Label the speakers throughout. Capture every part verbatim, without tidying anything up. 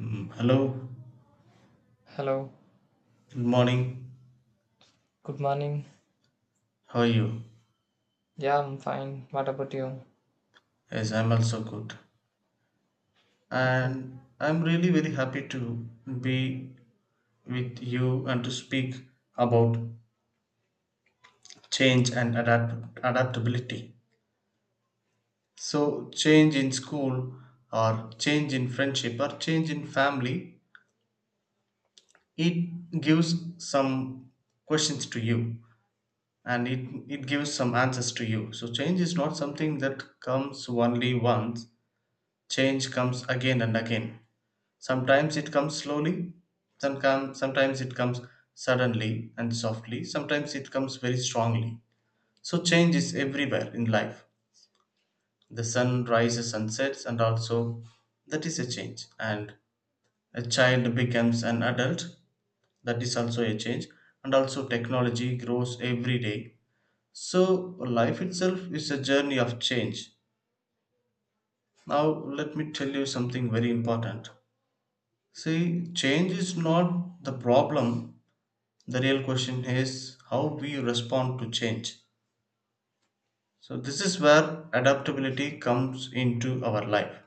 Speaker 1: Mm, Hello,
Speaker 2: Hello,
Speaker 1: good morning.
Speaker 2: good morning.
Speaker 1: How are you?
Speaker 2: Yeah, I'm fine. What about you?
Speaker 1: Yes, I'm also good.
Speaker 2: Okay.
Speaker 1: And I'm really very happy to be with you and to speak about change and adapt- adaptability. So, change in school, or change in friendship, or change in family, it gives some questions to you, and it, it gives some answers to you. So, change is not something that comes only once, change comes again and again. Sometimes it comes slowly, some come, sometimes it comes suddenly and softly, sometimes it comes very strongly. So change is everywhere in life. The sun rises and sets, and also that is a change. And a child becomes an adult, that is also a change. And also technology grows every day. So life itself is a journey of change. Now let me tell you something very important. See, change is not the problem, the real question is how we respond to change. So, this is where adaptability comes into our life.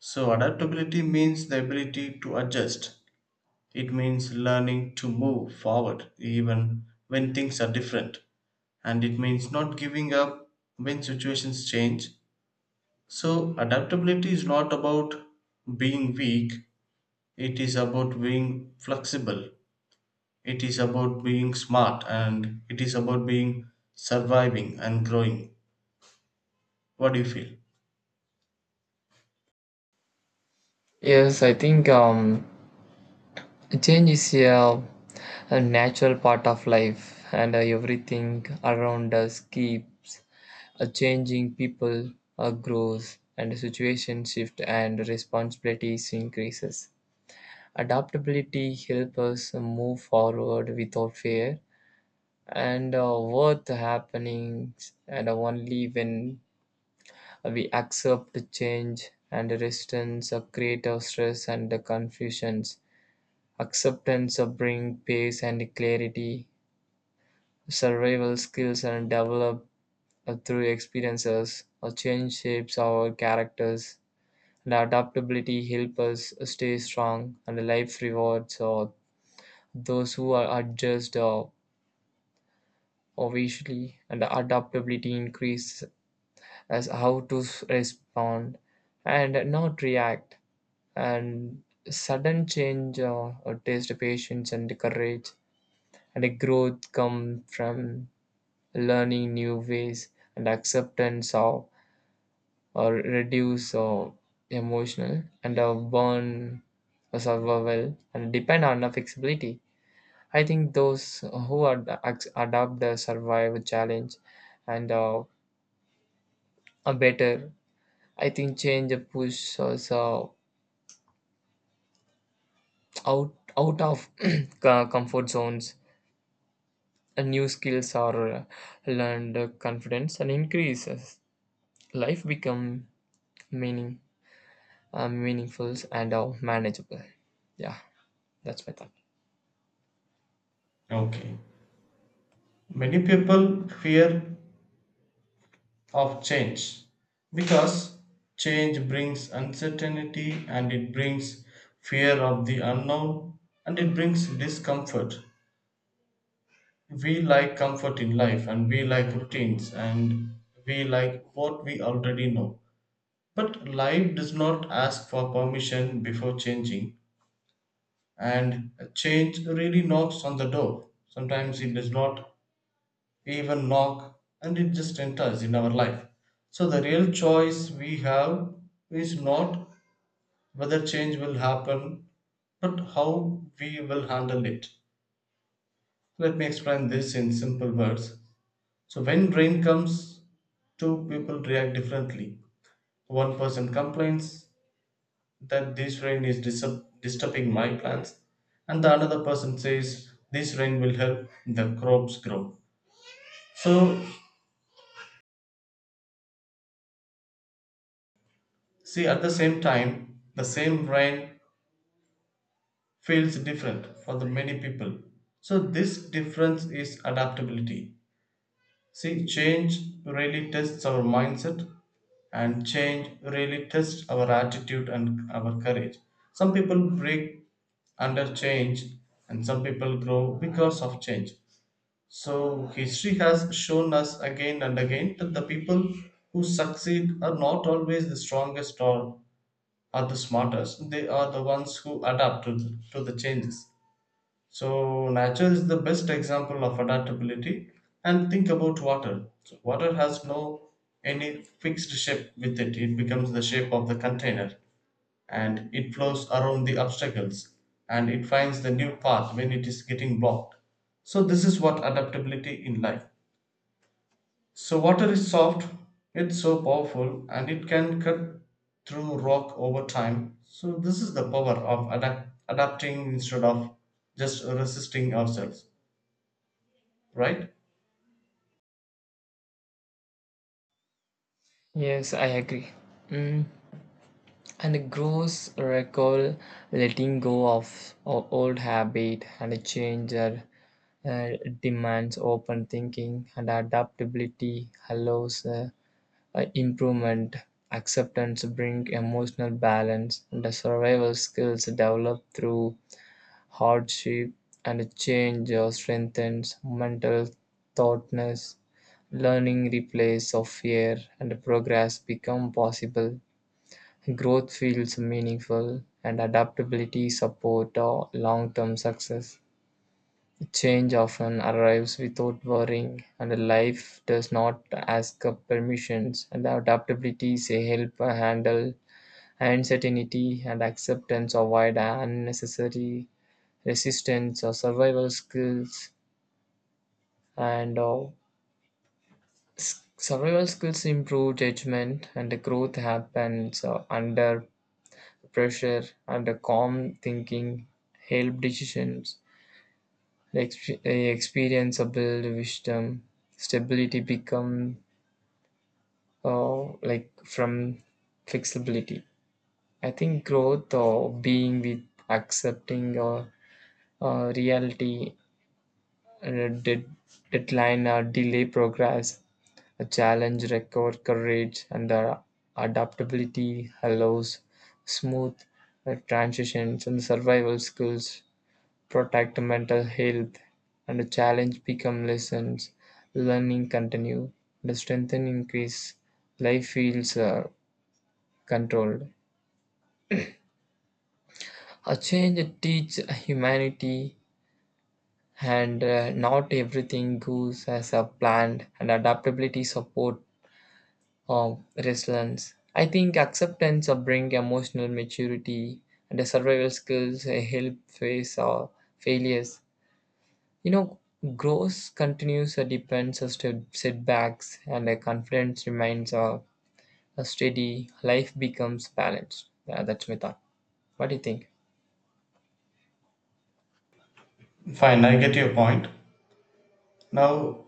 Speaker 1: So, adaptability means the ability to adjust, it means learning to move forward even when things are different, and it means not giving up when situations change. So, adaptability is not about being weak, it is about being flexible. It is about being smart and it is about being surviving and growing. What do you feel?
Speaker 2: Yes, I think um, change is a, a natural part of life, and uh, everything around us keeps uh, changing. People uh, grows, and the situation shift, and responsibilities increases. Adaptability helps us move forward without fear, and uh, worth happenings, and only when we accept change and resistance create our stress and confusions. Acceptance brings peace and clarity. Survival skills are developed uh, through experiences. A change shapes our characters. And adaptability helps us stay strong. And life rewards uh, those who are adjust uh, obviously. And adaptability increases as how to s- respond and not react. And sudden change uh, uh, taste patience and courage, and a growth come from learning new ways and acceptance of or reduce uh, emotional and uh, burn uh, survival and depend on the flexibility. I think those who ad- ac- adapt the survival challenge and uh, are better. I think change push us uh, out out of co- comfort zones, and new skills are uh, learned, uh, confidence and increases, life become meaning uh, meaningful and uh, manageable. Yeah, that's my thought.
Speaker 1: Okay. Many people fear of change because change brings uncertainty and it brings fear of the unknown and it brings discomfort. We like comfort in life and we like routines and we like what we already know. But life does not ask for permission before changing. And change really knocks on the door. Sometimes it does not even knock and it just enters in our life. So the real choice we have is not whether change will happen, but how we will handle it. Let me explain this in simple words. So when rain comes, two people react differently. One person complains that this rain is disturb- disturbing my plants, and the another person says this rain will help the crops grow. So see, at the same time, the same rain feels different for the many people. So this difference is adaptability. See, change really tests our mindset, and change really tests our attitude and our courage. Some people break under change, and some people grow because of change. So, history has shown us again and again that the people who succeed are not always the strongest or are the smartest. They are the ones who adapt to the, to the changes. So, nature is the best example of adaptability. And think about water. So, water has no any fixed shape with it, it becomes the shape of the container, and it flows around the obstacles, and it finds the new path when it is getting blocked. So, this is what adaptability in life. So water is soft, it's so powerful, and it can cut through rock over time. So this is the power of adapt- adapting instead of just resisting ourselves, right?
Speaker 2: Yes, I agree. Mm. And it grows recall letting go of o- old habit, and a change uh, uh, demands open thinking, and adaptability allows uh, uh, improvement. Acceptance bring emotional balance, and the survival skills developed through hardship, and change uh, strengthens mental thoughtness. Learning replaces of fear and progress become possible. Growth feels meaningful and adaptability support uh, long-term success. Change often arrives without warning, and life does not ask of permissions. And adaptability say help handle uncertainty, and acceptance avoid unnecessary resistance or survival skills, and uh, s- survival skills improve judgment, and the growth happens uh, under pressure, and the calm thinking help decisions. The exp- eh, experience of build wisdom, stability become uh, like from flexibility. I think growth or being with accepting or uh, reality, uh, dead, deadline or delay progress. A challenge record courage and uh, adaptability allows smooth uh, transitions, and survival skills protect mental health, and the challenge become lessons, learning continue, the strength increase, life feels uh, controlled. A change teach humanity, and uh, not everything goes as a planned, and adaptability support um, resilience. I think acceptance of bring emotional maturity, and the survival skills uh, help face our failures. You know, growth continues or depends on st- setbacks, and the confidence remains uh, a steady. Life becomes balanced. Yeah, that's my thought. What do you think?
Speaker 1: Fine, I get your point. Now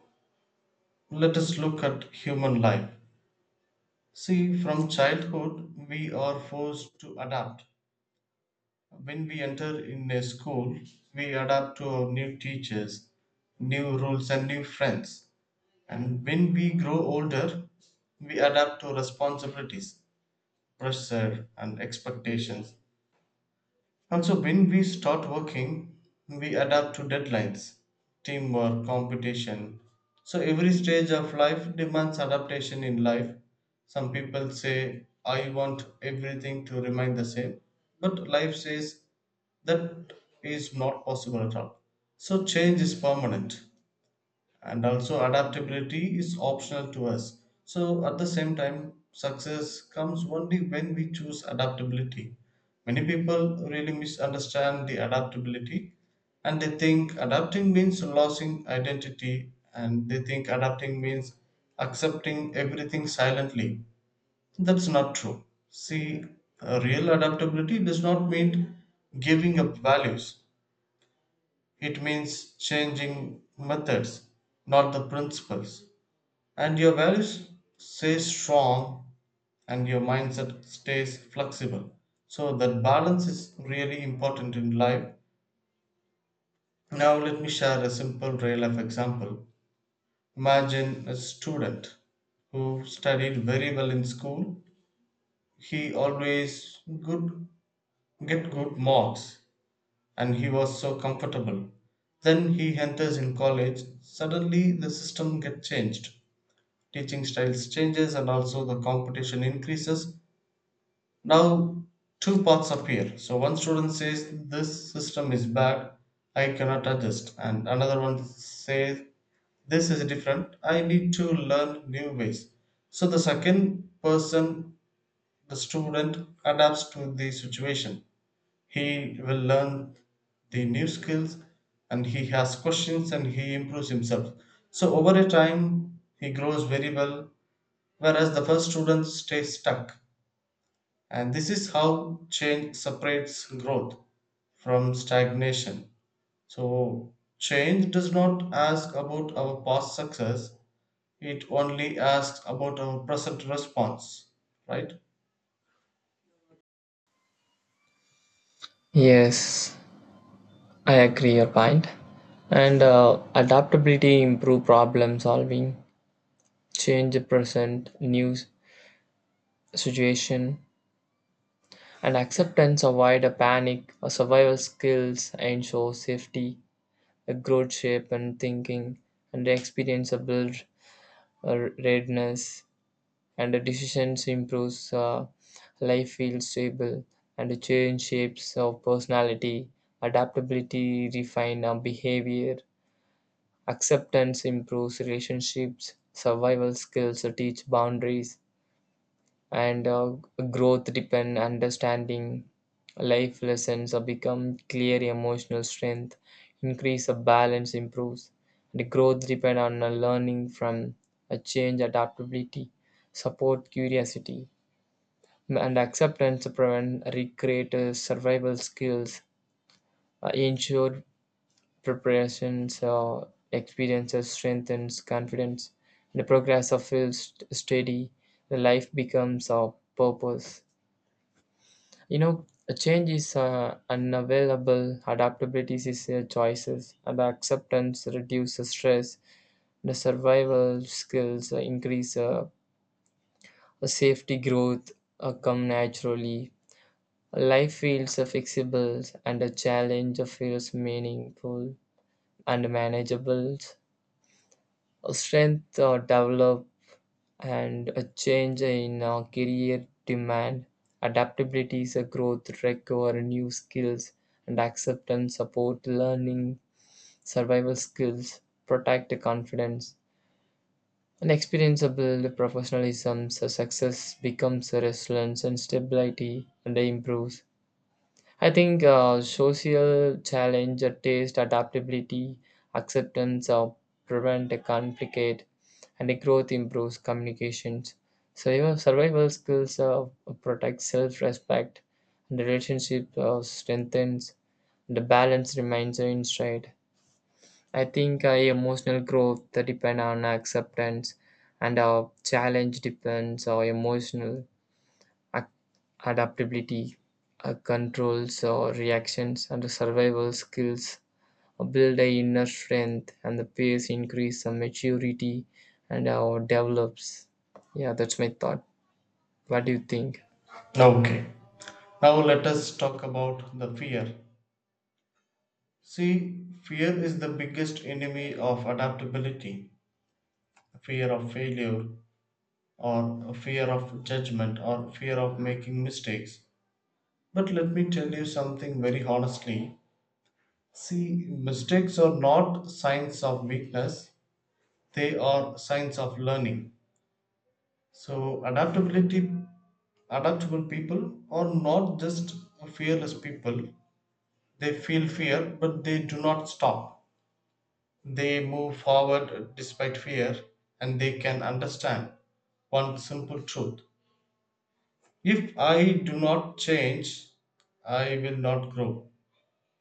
Speaker 1: let us look at human life. See, from childhood, we are forced to adapt. When we enter in a school, we adapt to our new teachers, new rules, and new friends. And when we grow older, we adapt to responsibilities, pressure, and expectations. Also, when we start working, we adapt to deadlines, teamwork, competition. So, every stage of life demands adaptation in life. Some people say, I want everything to remain the same. But life says that is not possible at all. So, change is permanent and also adaptability is optional to us. So at the same time, success comes only when we choose adaptability. Many people really misunderstand the adaptability, and they think adapting means losing identity, and they think adapting means accepting everything silently. That's not true. See, uh, real adaptability does not mean giving up values, it means changing methods, not the principles. And your values stay strong, and your mindset stays flexible. So that balance is really important in life. Now let me share a simple real life example. Imagine a student who studied very well in school. He always good get good marks, and he was so comfortable. Then he enters in college, suddenly the system gets changed, teaching styles changes, and also the competition increases. Now two paths appear. So one student says this system is bad, I cannot adjust, and another one says this is different, I need to learn new ways. So the second person, the student, adapts to the situation. He will learn the new skills and he has questions and he improves himself. So over a time, he grows very well, whereas the first student stays stuck. And this is how change separates growth from stagnation. So, change does not ask about our past success, it only asks about our present response, right?
Speaker 2: Yes, I agree your point. And uh, adaptability improve problem solving, change the present news situation. And acceptance avoid a panic, a survival skills ensure safety, a growth shape and thinking, and the experience a build a readiness, and the decisions improves, uh, life feels stable, and the change shapes of personality, adaptability refine our behavior, acceptance improves relationships, survival skills uh, teach boundaries, and uh, growth depend understanding, life lessons uh, become clear, emotional strength increase, a balance improves. The growth depend on uh, learning from a change, adaptability support curiosity, and acceptance prevent recreate uh, survival skills uh, ensure preparations, uh, experiences strengthens confidence, the progress of feels steady, the life becomes a purpose. You know, a change is uh, unavailable, adaptability is a choices, and acceptance reduces stress, the survival skills uh, increase, uh, the safety growth uh, come naturally. Life feels uh, flexible, and a challenge feels meaningful and manageable. Strength uh, develop, and a change in uh, career demand. Adaptability is a growth, recover new skills, and acceptance, support learning, survival skills, protect confidence. And experience build professionalism, so success becomes a resilience and stability and improves. I think uh, social challenge, uh, taste, adaptability, acceptance, uh, prevent, uh, complicate, and the growth improves communications. Survival survival skills uh, protect self-respect, and the relationship uh, strengthens, the balance remains in stride. I think uh, emotional growth that depend on acceptance, and our challenge depends on emotional ac- adaptability, uh, controls or reactions, and the survival skills build a inner strength, and the pace increase some maturity and our develops. Yeah, that's my thought. What do you think?
Speaker 1: Okay. Now, let us talk about the fear. See, fear is the biggest enemy of adaptability. Fear of failure, or fear of judgment, or fear of making mistakes. But let me tell you something very honestly. See, mistakes are not signs of weakness, they are signs of learning. So, adaptability, adaptable people are not just fearless people. They feel fear, but they do not stop. They move forward despite fear, and they can understand one simple truth. If I do not change, I will not grow.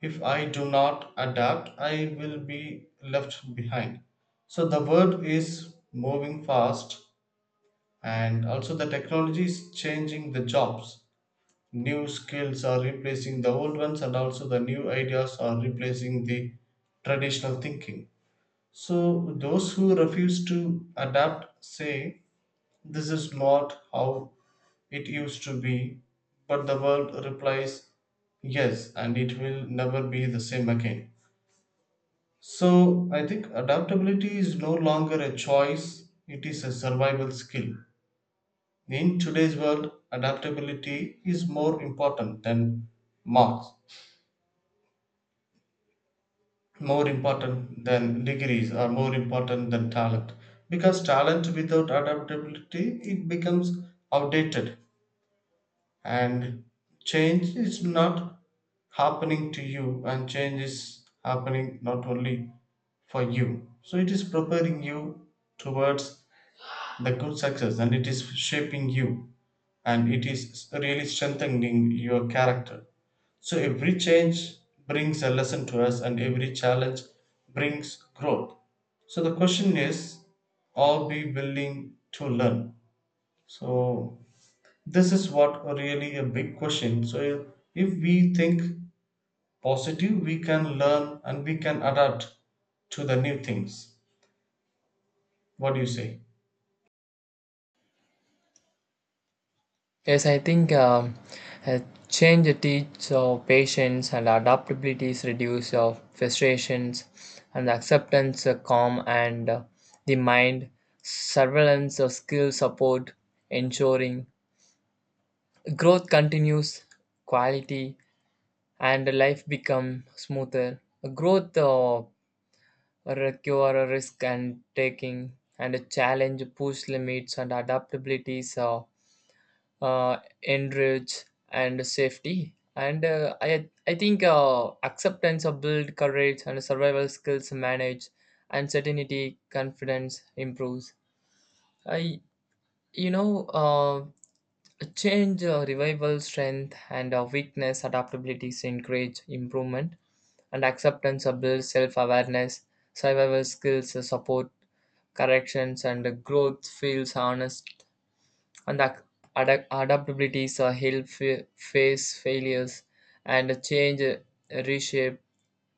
Speaker 1: If I do not adapt, I will be left behind. So the world is moving fast, and also the technology is changing the jobs. New skills are replacing the old ones, and also the new ideas are replacing the traditional thinking. So those who refuse to adapt say, this is not how it used to be. But the world replies, yes, and it will never be the same again. So I think adaptability is no longer a choice, it is a survival skill. In today's world, adaptability is more important than marks, more important than degrees, or more important than talent. Because talent without adaptability, it becomes outdated. And change is not happening to you, and change is happening not only for you. So it is preparing you towards the good success, and it is shaping you, and it is really strengthening your character. So every change brings a lesson to us, and every challenge brings growth. So the question is, are we willing to learn? So this is what really a big question. So if we think positive, we can learn and we can adapt to the new things. What do you say?
Speaker 2: Yes i think um, uh, change teach uh, patience and adaptabilities reduce uh, frustrations, and acceptance uh, calm and uh, the mind, surveillance of skill support ensuring growth continues quality, and life become smoother. Growth uh, require a risk and taking, and a challenge, push limits, and adaptabilities, uh, uh, enrich and safety. And uh, I, I think uh, acceptance of build courage, and survival skills manage uncertainty, confidence improves. I, you know, uh, change, uh, revival, strength, and uh, weakness, adaptabilities encourage improvement, and acceptance are built self-awareness, survival skills uh, support corrections, and uh, growth feels honest, and ac- adapt- adaptabilities are help fa- face failures, and uh, change uh, reshape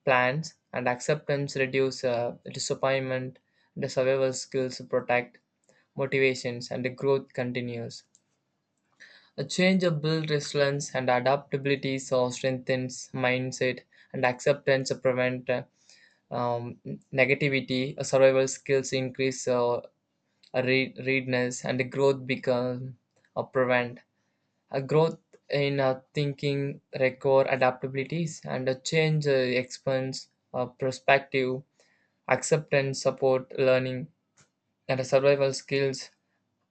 Speaker 2: plans, and acceptance reduce uh, disappointment, the survival skills protect motivations, and the growth continues. A change of build resilience, and adaptability so strengthens mindset, and acceptance prevent uh, um, negativity, uh, survival skills increase, uh, uh, re- readiness, and the growth become a prevent. A growth in uh, thinking require adaptabilities, and a change uh, expands uh, perspective, acceptance, support, learning, and uh, survival skills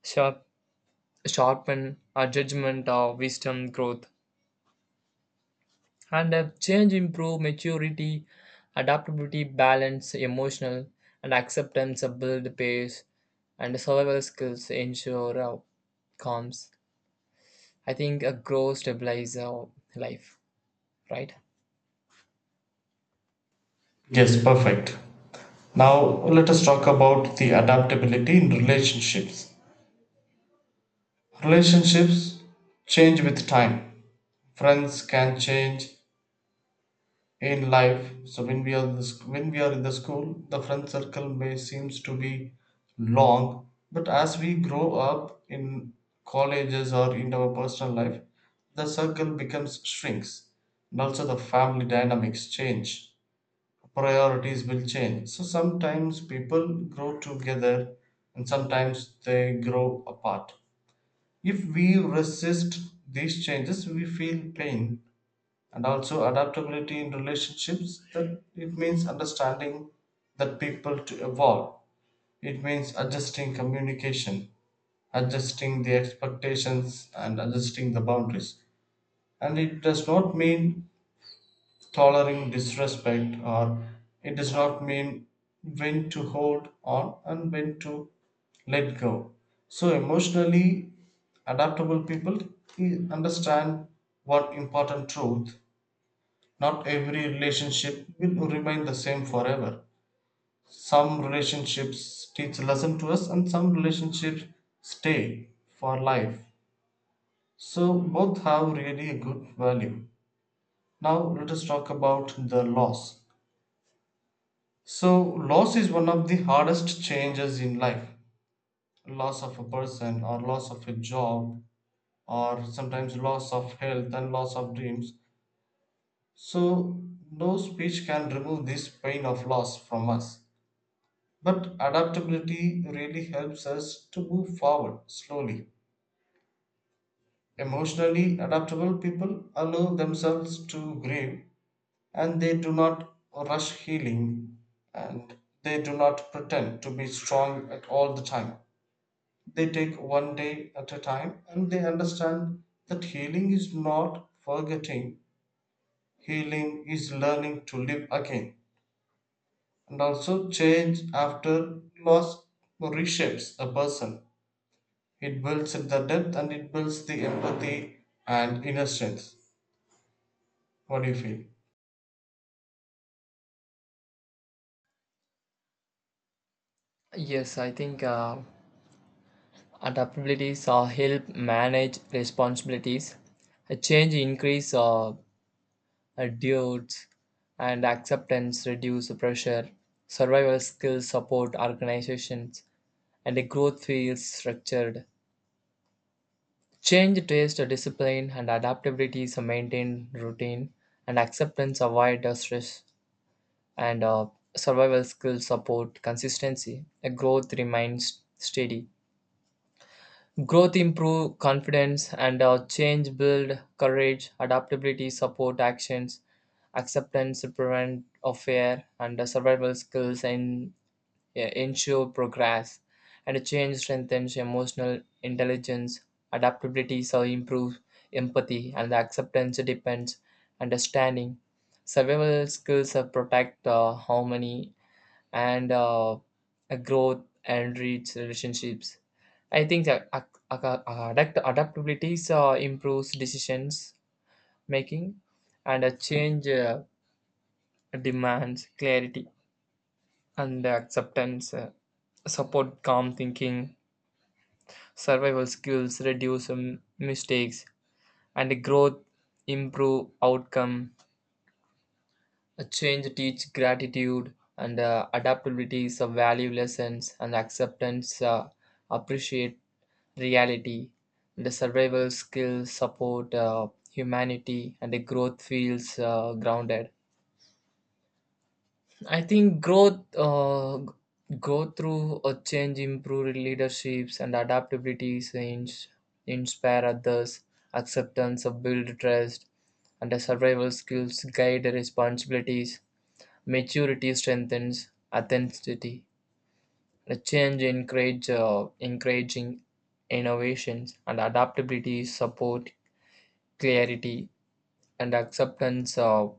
Speaker 2: sharp, sharpen our judgment, our wisdom, growth. And uh, change improve maturity, adaptability balance emotional, and acceptance uh, build pace, and survival skills ensure uh, calms. I think a growth stabilize uh, life, right?
Speaker 1: Yes, perfect. Now let us talk about the adaptability in relationships. Relationships change with time. Friends can change in life. So when we are the, sc- when we are in the school, the friend circle may seems to be long, but as we grow up in colleges or in our personal life, the circle becomes shrinks, and also the family dynamics change. Priorities will change. So sometimes people grow together and sometimes they grow apart. If we resist these changes, we feel pain. And also adaptability in relationships that it means understanding that people to evolve. It means adjusting communication, adjusting the expectations, and adjusting the boundaries. And it does not mean tolerating disrespect, or it does not mean when to hold on and when to let go. So emotionally adaptable people eh, understand one important truth. Not every relationship will remain the same forever. Some relationships teach lesson to us, and some relationships stay for life. So both have really a good value. Now let us talk about the loss. So, loss is one of the hardest changes in life. Loss of a person, or loss of a job, or sometimes loss of health and loss of dreams. So, no speech can remove this pain of loss from us. But adaptability really helps us to move forward slowly. Emotionally adaptable people allow themselves to grieve, and they do not rush healing, and they do not pretend to be strong at all the time. They take one day at a time and they understand that healing is not forgetting, healing is learning to live again. And also, change after loss reshapes a person. It builds the depth and it builds the empathy and inner strength. What do you feel?
Speaker 2: Yes i think uh, adaptabilities uh, help manage responsibilities, a change increase uh, uh, duties, and acceptance reduce pressure, survival skills support organizations, and a growth feels structured. Change, taste, discipline, and adaptability is a maintained routine, and acceptance, avoid stress, and uh, survival skills support consistency. A growth remains steady. Growth improve confidence, and uh, change build courage. Adaptability support actions. Acceptance prevent of fear, and uh, survival skills, and yeah, ensure progress, and change strengthens emotional intelligence. Adaptability so improves empathy, and the acceptance depends understanding. Survival skills uh, protect uh, harmony, and uh, a growth and reach relationships. I think that ac- ac- adapt- adaptability uh, improves decisions making, and a change uh, demands clarity and acceptance. Uh, support calm thinking, survival skills reduce um, mistakes, and growth improve outcome. A change teach gratitude, and uh, adaptability is a value lessons, and acceptance uh, appreciate reality, the survival skills support uh, humanity, and the growth feels uh, grounded. I think growth uh, go through a change, improved leaderships, and adaptability, change, inspire others, acceptance of build trust, and the survival skills guide the responsibilities. Maturity strengthens authenticity. The change encourage uh, encouraging innovations, and adaptability support clarity, and acceptance of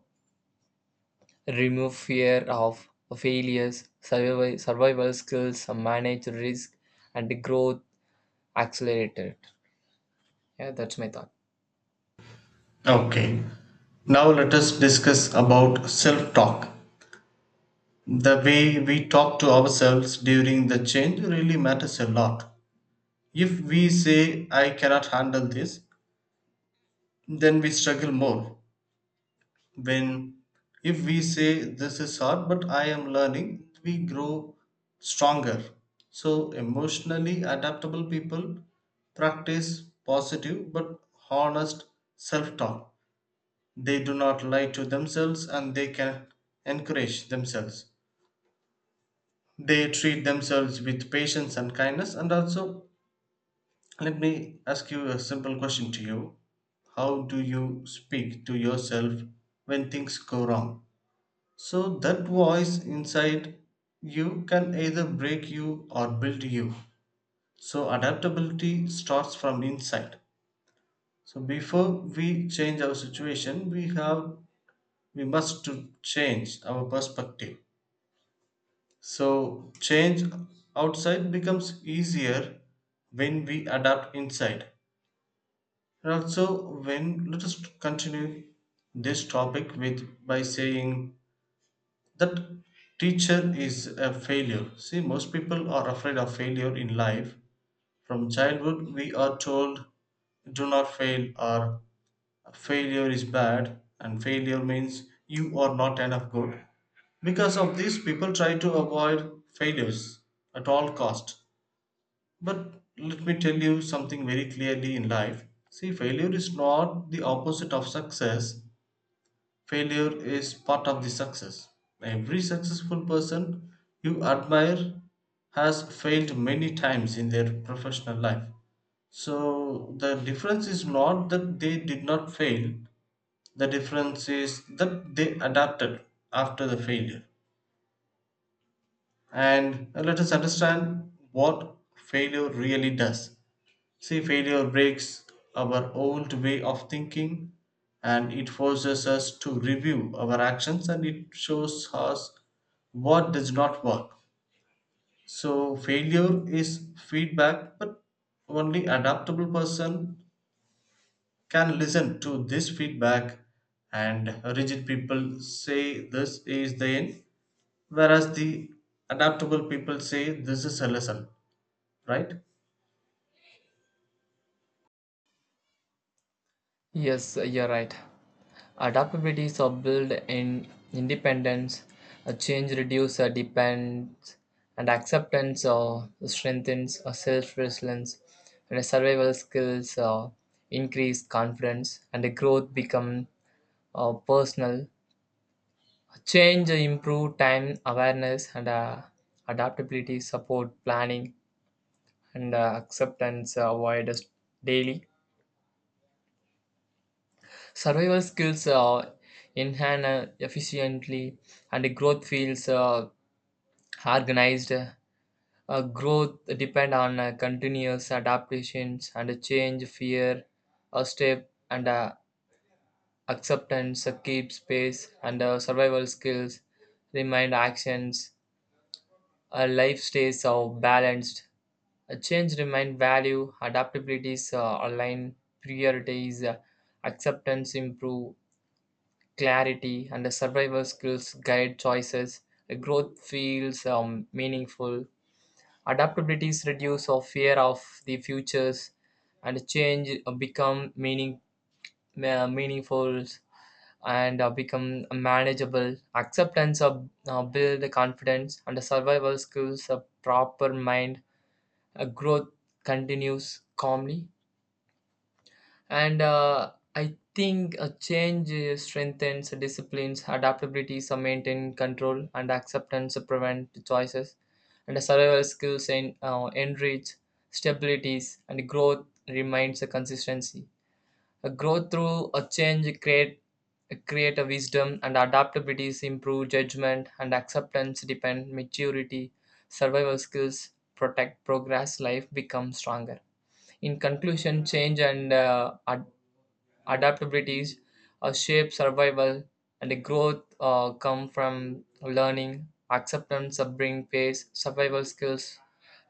Speaker 2: remove fear of failures, survival, survival skills, manage risk, and growth accelerated. Yeah, that's my thought.
Speaker 1: Okay. Now let us discuss about self-talk. The way we talk to ourselves during the change really matters a lot. If we say, I cannot handle this, then we struggle more. When if we say, this is hard, but I am learning, we grow stronger. So, emotionally adaptable people practice positive but honest self talk. They do not lie to themselves and they can encourage themselves. They treat themselves with patience and kindness. And also, let me ask you a simple question to you. How do you speak to yourself when things go wrong? So that voice inside you can either break you or build you. So adaptability starts from inside. So before we change our situation, we have we must to change our perspective. So change outside becomes easier when we adapt inside. And also, when let us continue this topic with by saying that teacher is a failure. See, most people are afraid of failure in life. From childhood, we are told, "Do not fail," or "Failure is bad," and failure means you are not enough good. Because of this, people try to avoid failures at all cost. But let me tell you something very clearly in life. See, failure is not the opposite of success, failure is part of the success. Every successful person you admire has failed many times in their professional life. So, the difference is not that they did not fail, the difference is that they adapted after the failure. And uh, let us understand what failure really does. See, failure breaks our old way of thinking, and it forces us to review our actions, and it shows us what does not work. So, failure is feedback, but only adaptable person can listen to this feedback. And rigid people say this is the end, whereas the adaptable people say this is a lesson, right?
Speaker 2: Yes, you're right. Adaptabilities are built in independence, a change reduces a depends, and acceptance uh, strengthens a self resilience, and survival skills uh, increase confidence, and the growth become uh, personal. Change, improve time awareness, and uh, adaptability, support planning, and uh, acceptance, uh, avoid us daily. Survival skills uh, enhance uh, efficiently, and growth feels uh, organized. Uh, growth depend on uh, continuous adaptations, and change, fear, a step, and uh, acceptance, uh, keep space, and uh, survival skills, remind actions. Uh, life stays uh, balanced. A change remind value, adaptabilities, uh, align priorities, uh, acceptance improve clarity, and the survival skills guide choices. The growth feels um, meaningful. Adaptabilities reduce our fear of the futures, and change uh, become meaning uh, meaningful and uh, become manageable. Acceptance uh, uh, build confidence, and the survival skills a proper mind. Uh, growth continues calmly. And uh, I think a change uh, strengthens disciplines, adaptability, are maintained control, and acceptance prevent choices. And the survival skills en- uh, enrich stabilities, and growth remains a consistency. A growth through a change create create a wisdom, and adaptabilities improve judgment, and acceptance depend maturity, survival skills protect progress, life becomes stronger. In conclusion, change and uh, ad- adaptabilities, a shape survival, and a growth uh, come from learning, acceptance, bring pace, survival skills,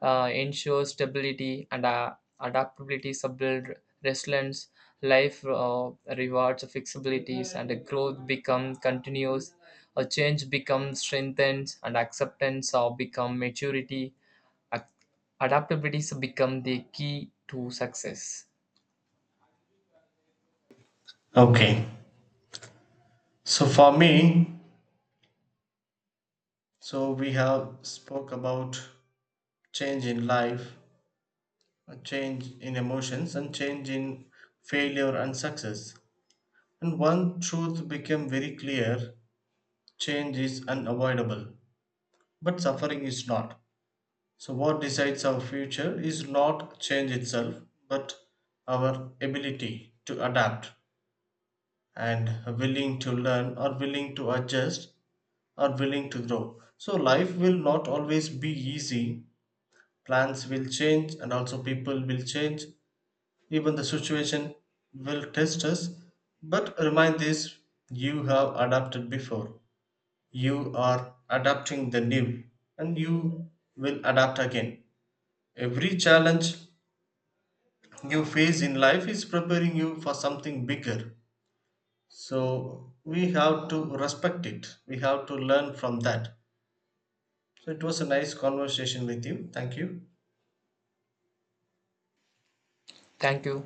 Speaker 2: uh, ensure stability, and uh, adaptability, build resilience, life uh, rewards flexibilities, and a growth become continuous. A change becomes strengthened, and acceptance or become maturity. Ac- Adaptabilities become the key to success.
Speaker 1: Okay. So for me, so we have spoke about change in life, a change in emotions, and change in failure and success. And one truth became very clear: change is unavoidable, but suffering is not. So what decides our future is not change itself, but our ability to adapt and willing to learn, or willing to adjust, or willing to grow. So life will not always be easy. Plans will change, and also people will change. Even the situation will test us. But remind this: you have adapted before, you are adapting the new, and you will adapt again. Every challenge you face in life is preparing you for something bigger. So we have to respect it, we have to learn from that. So it was a nice conversation with you. Thank you.
Speaker 2: Thank you.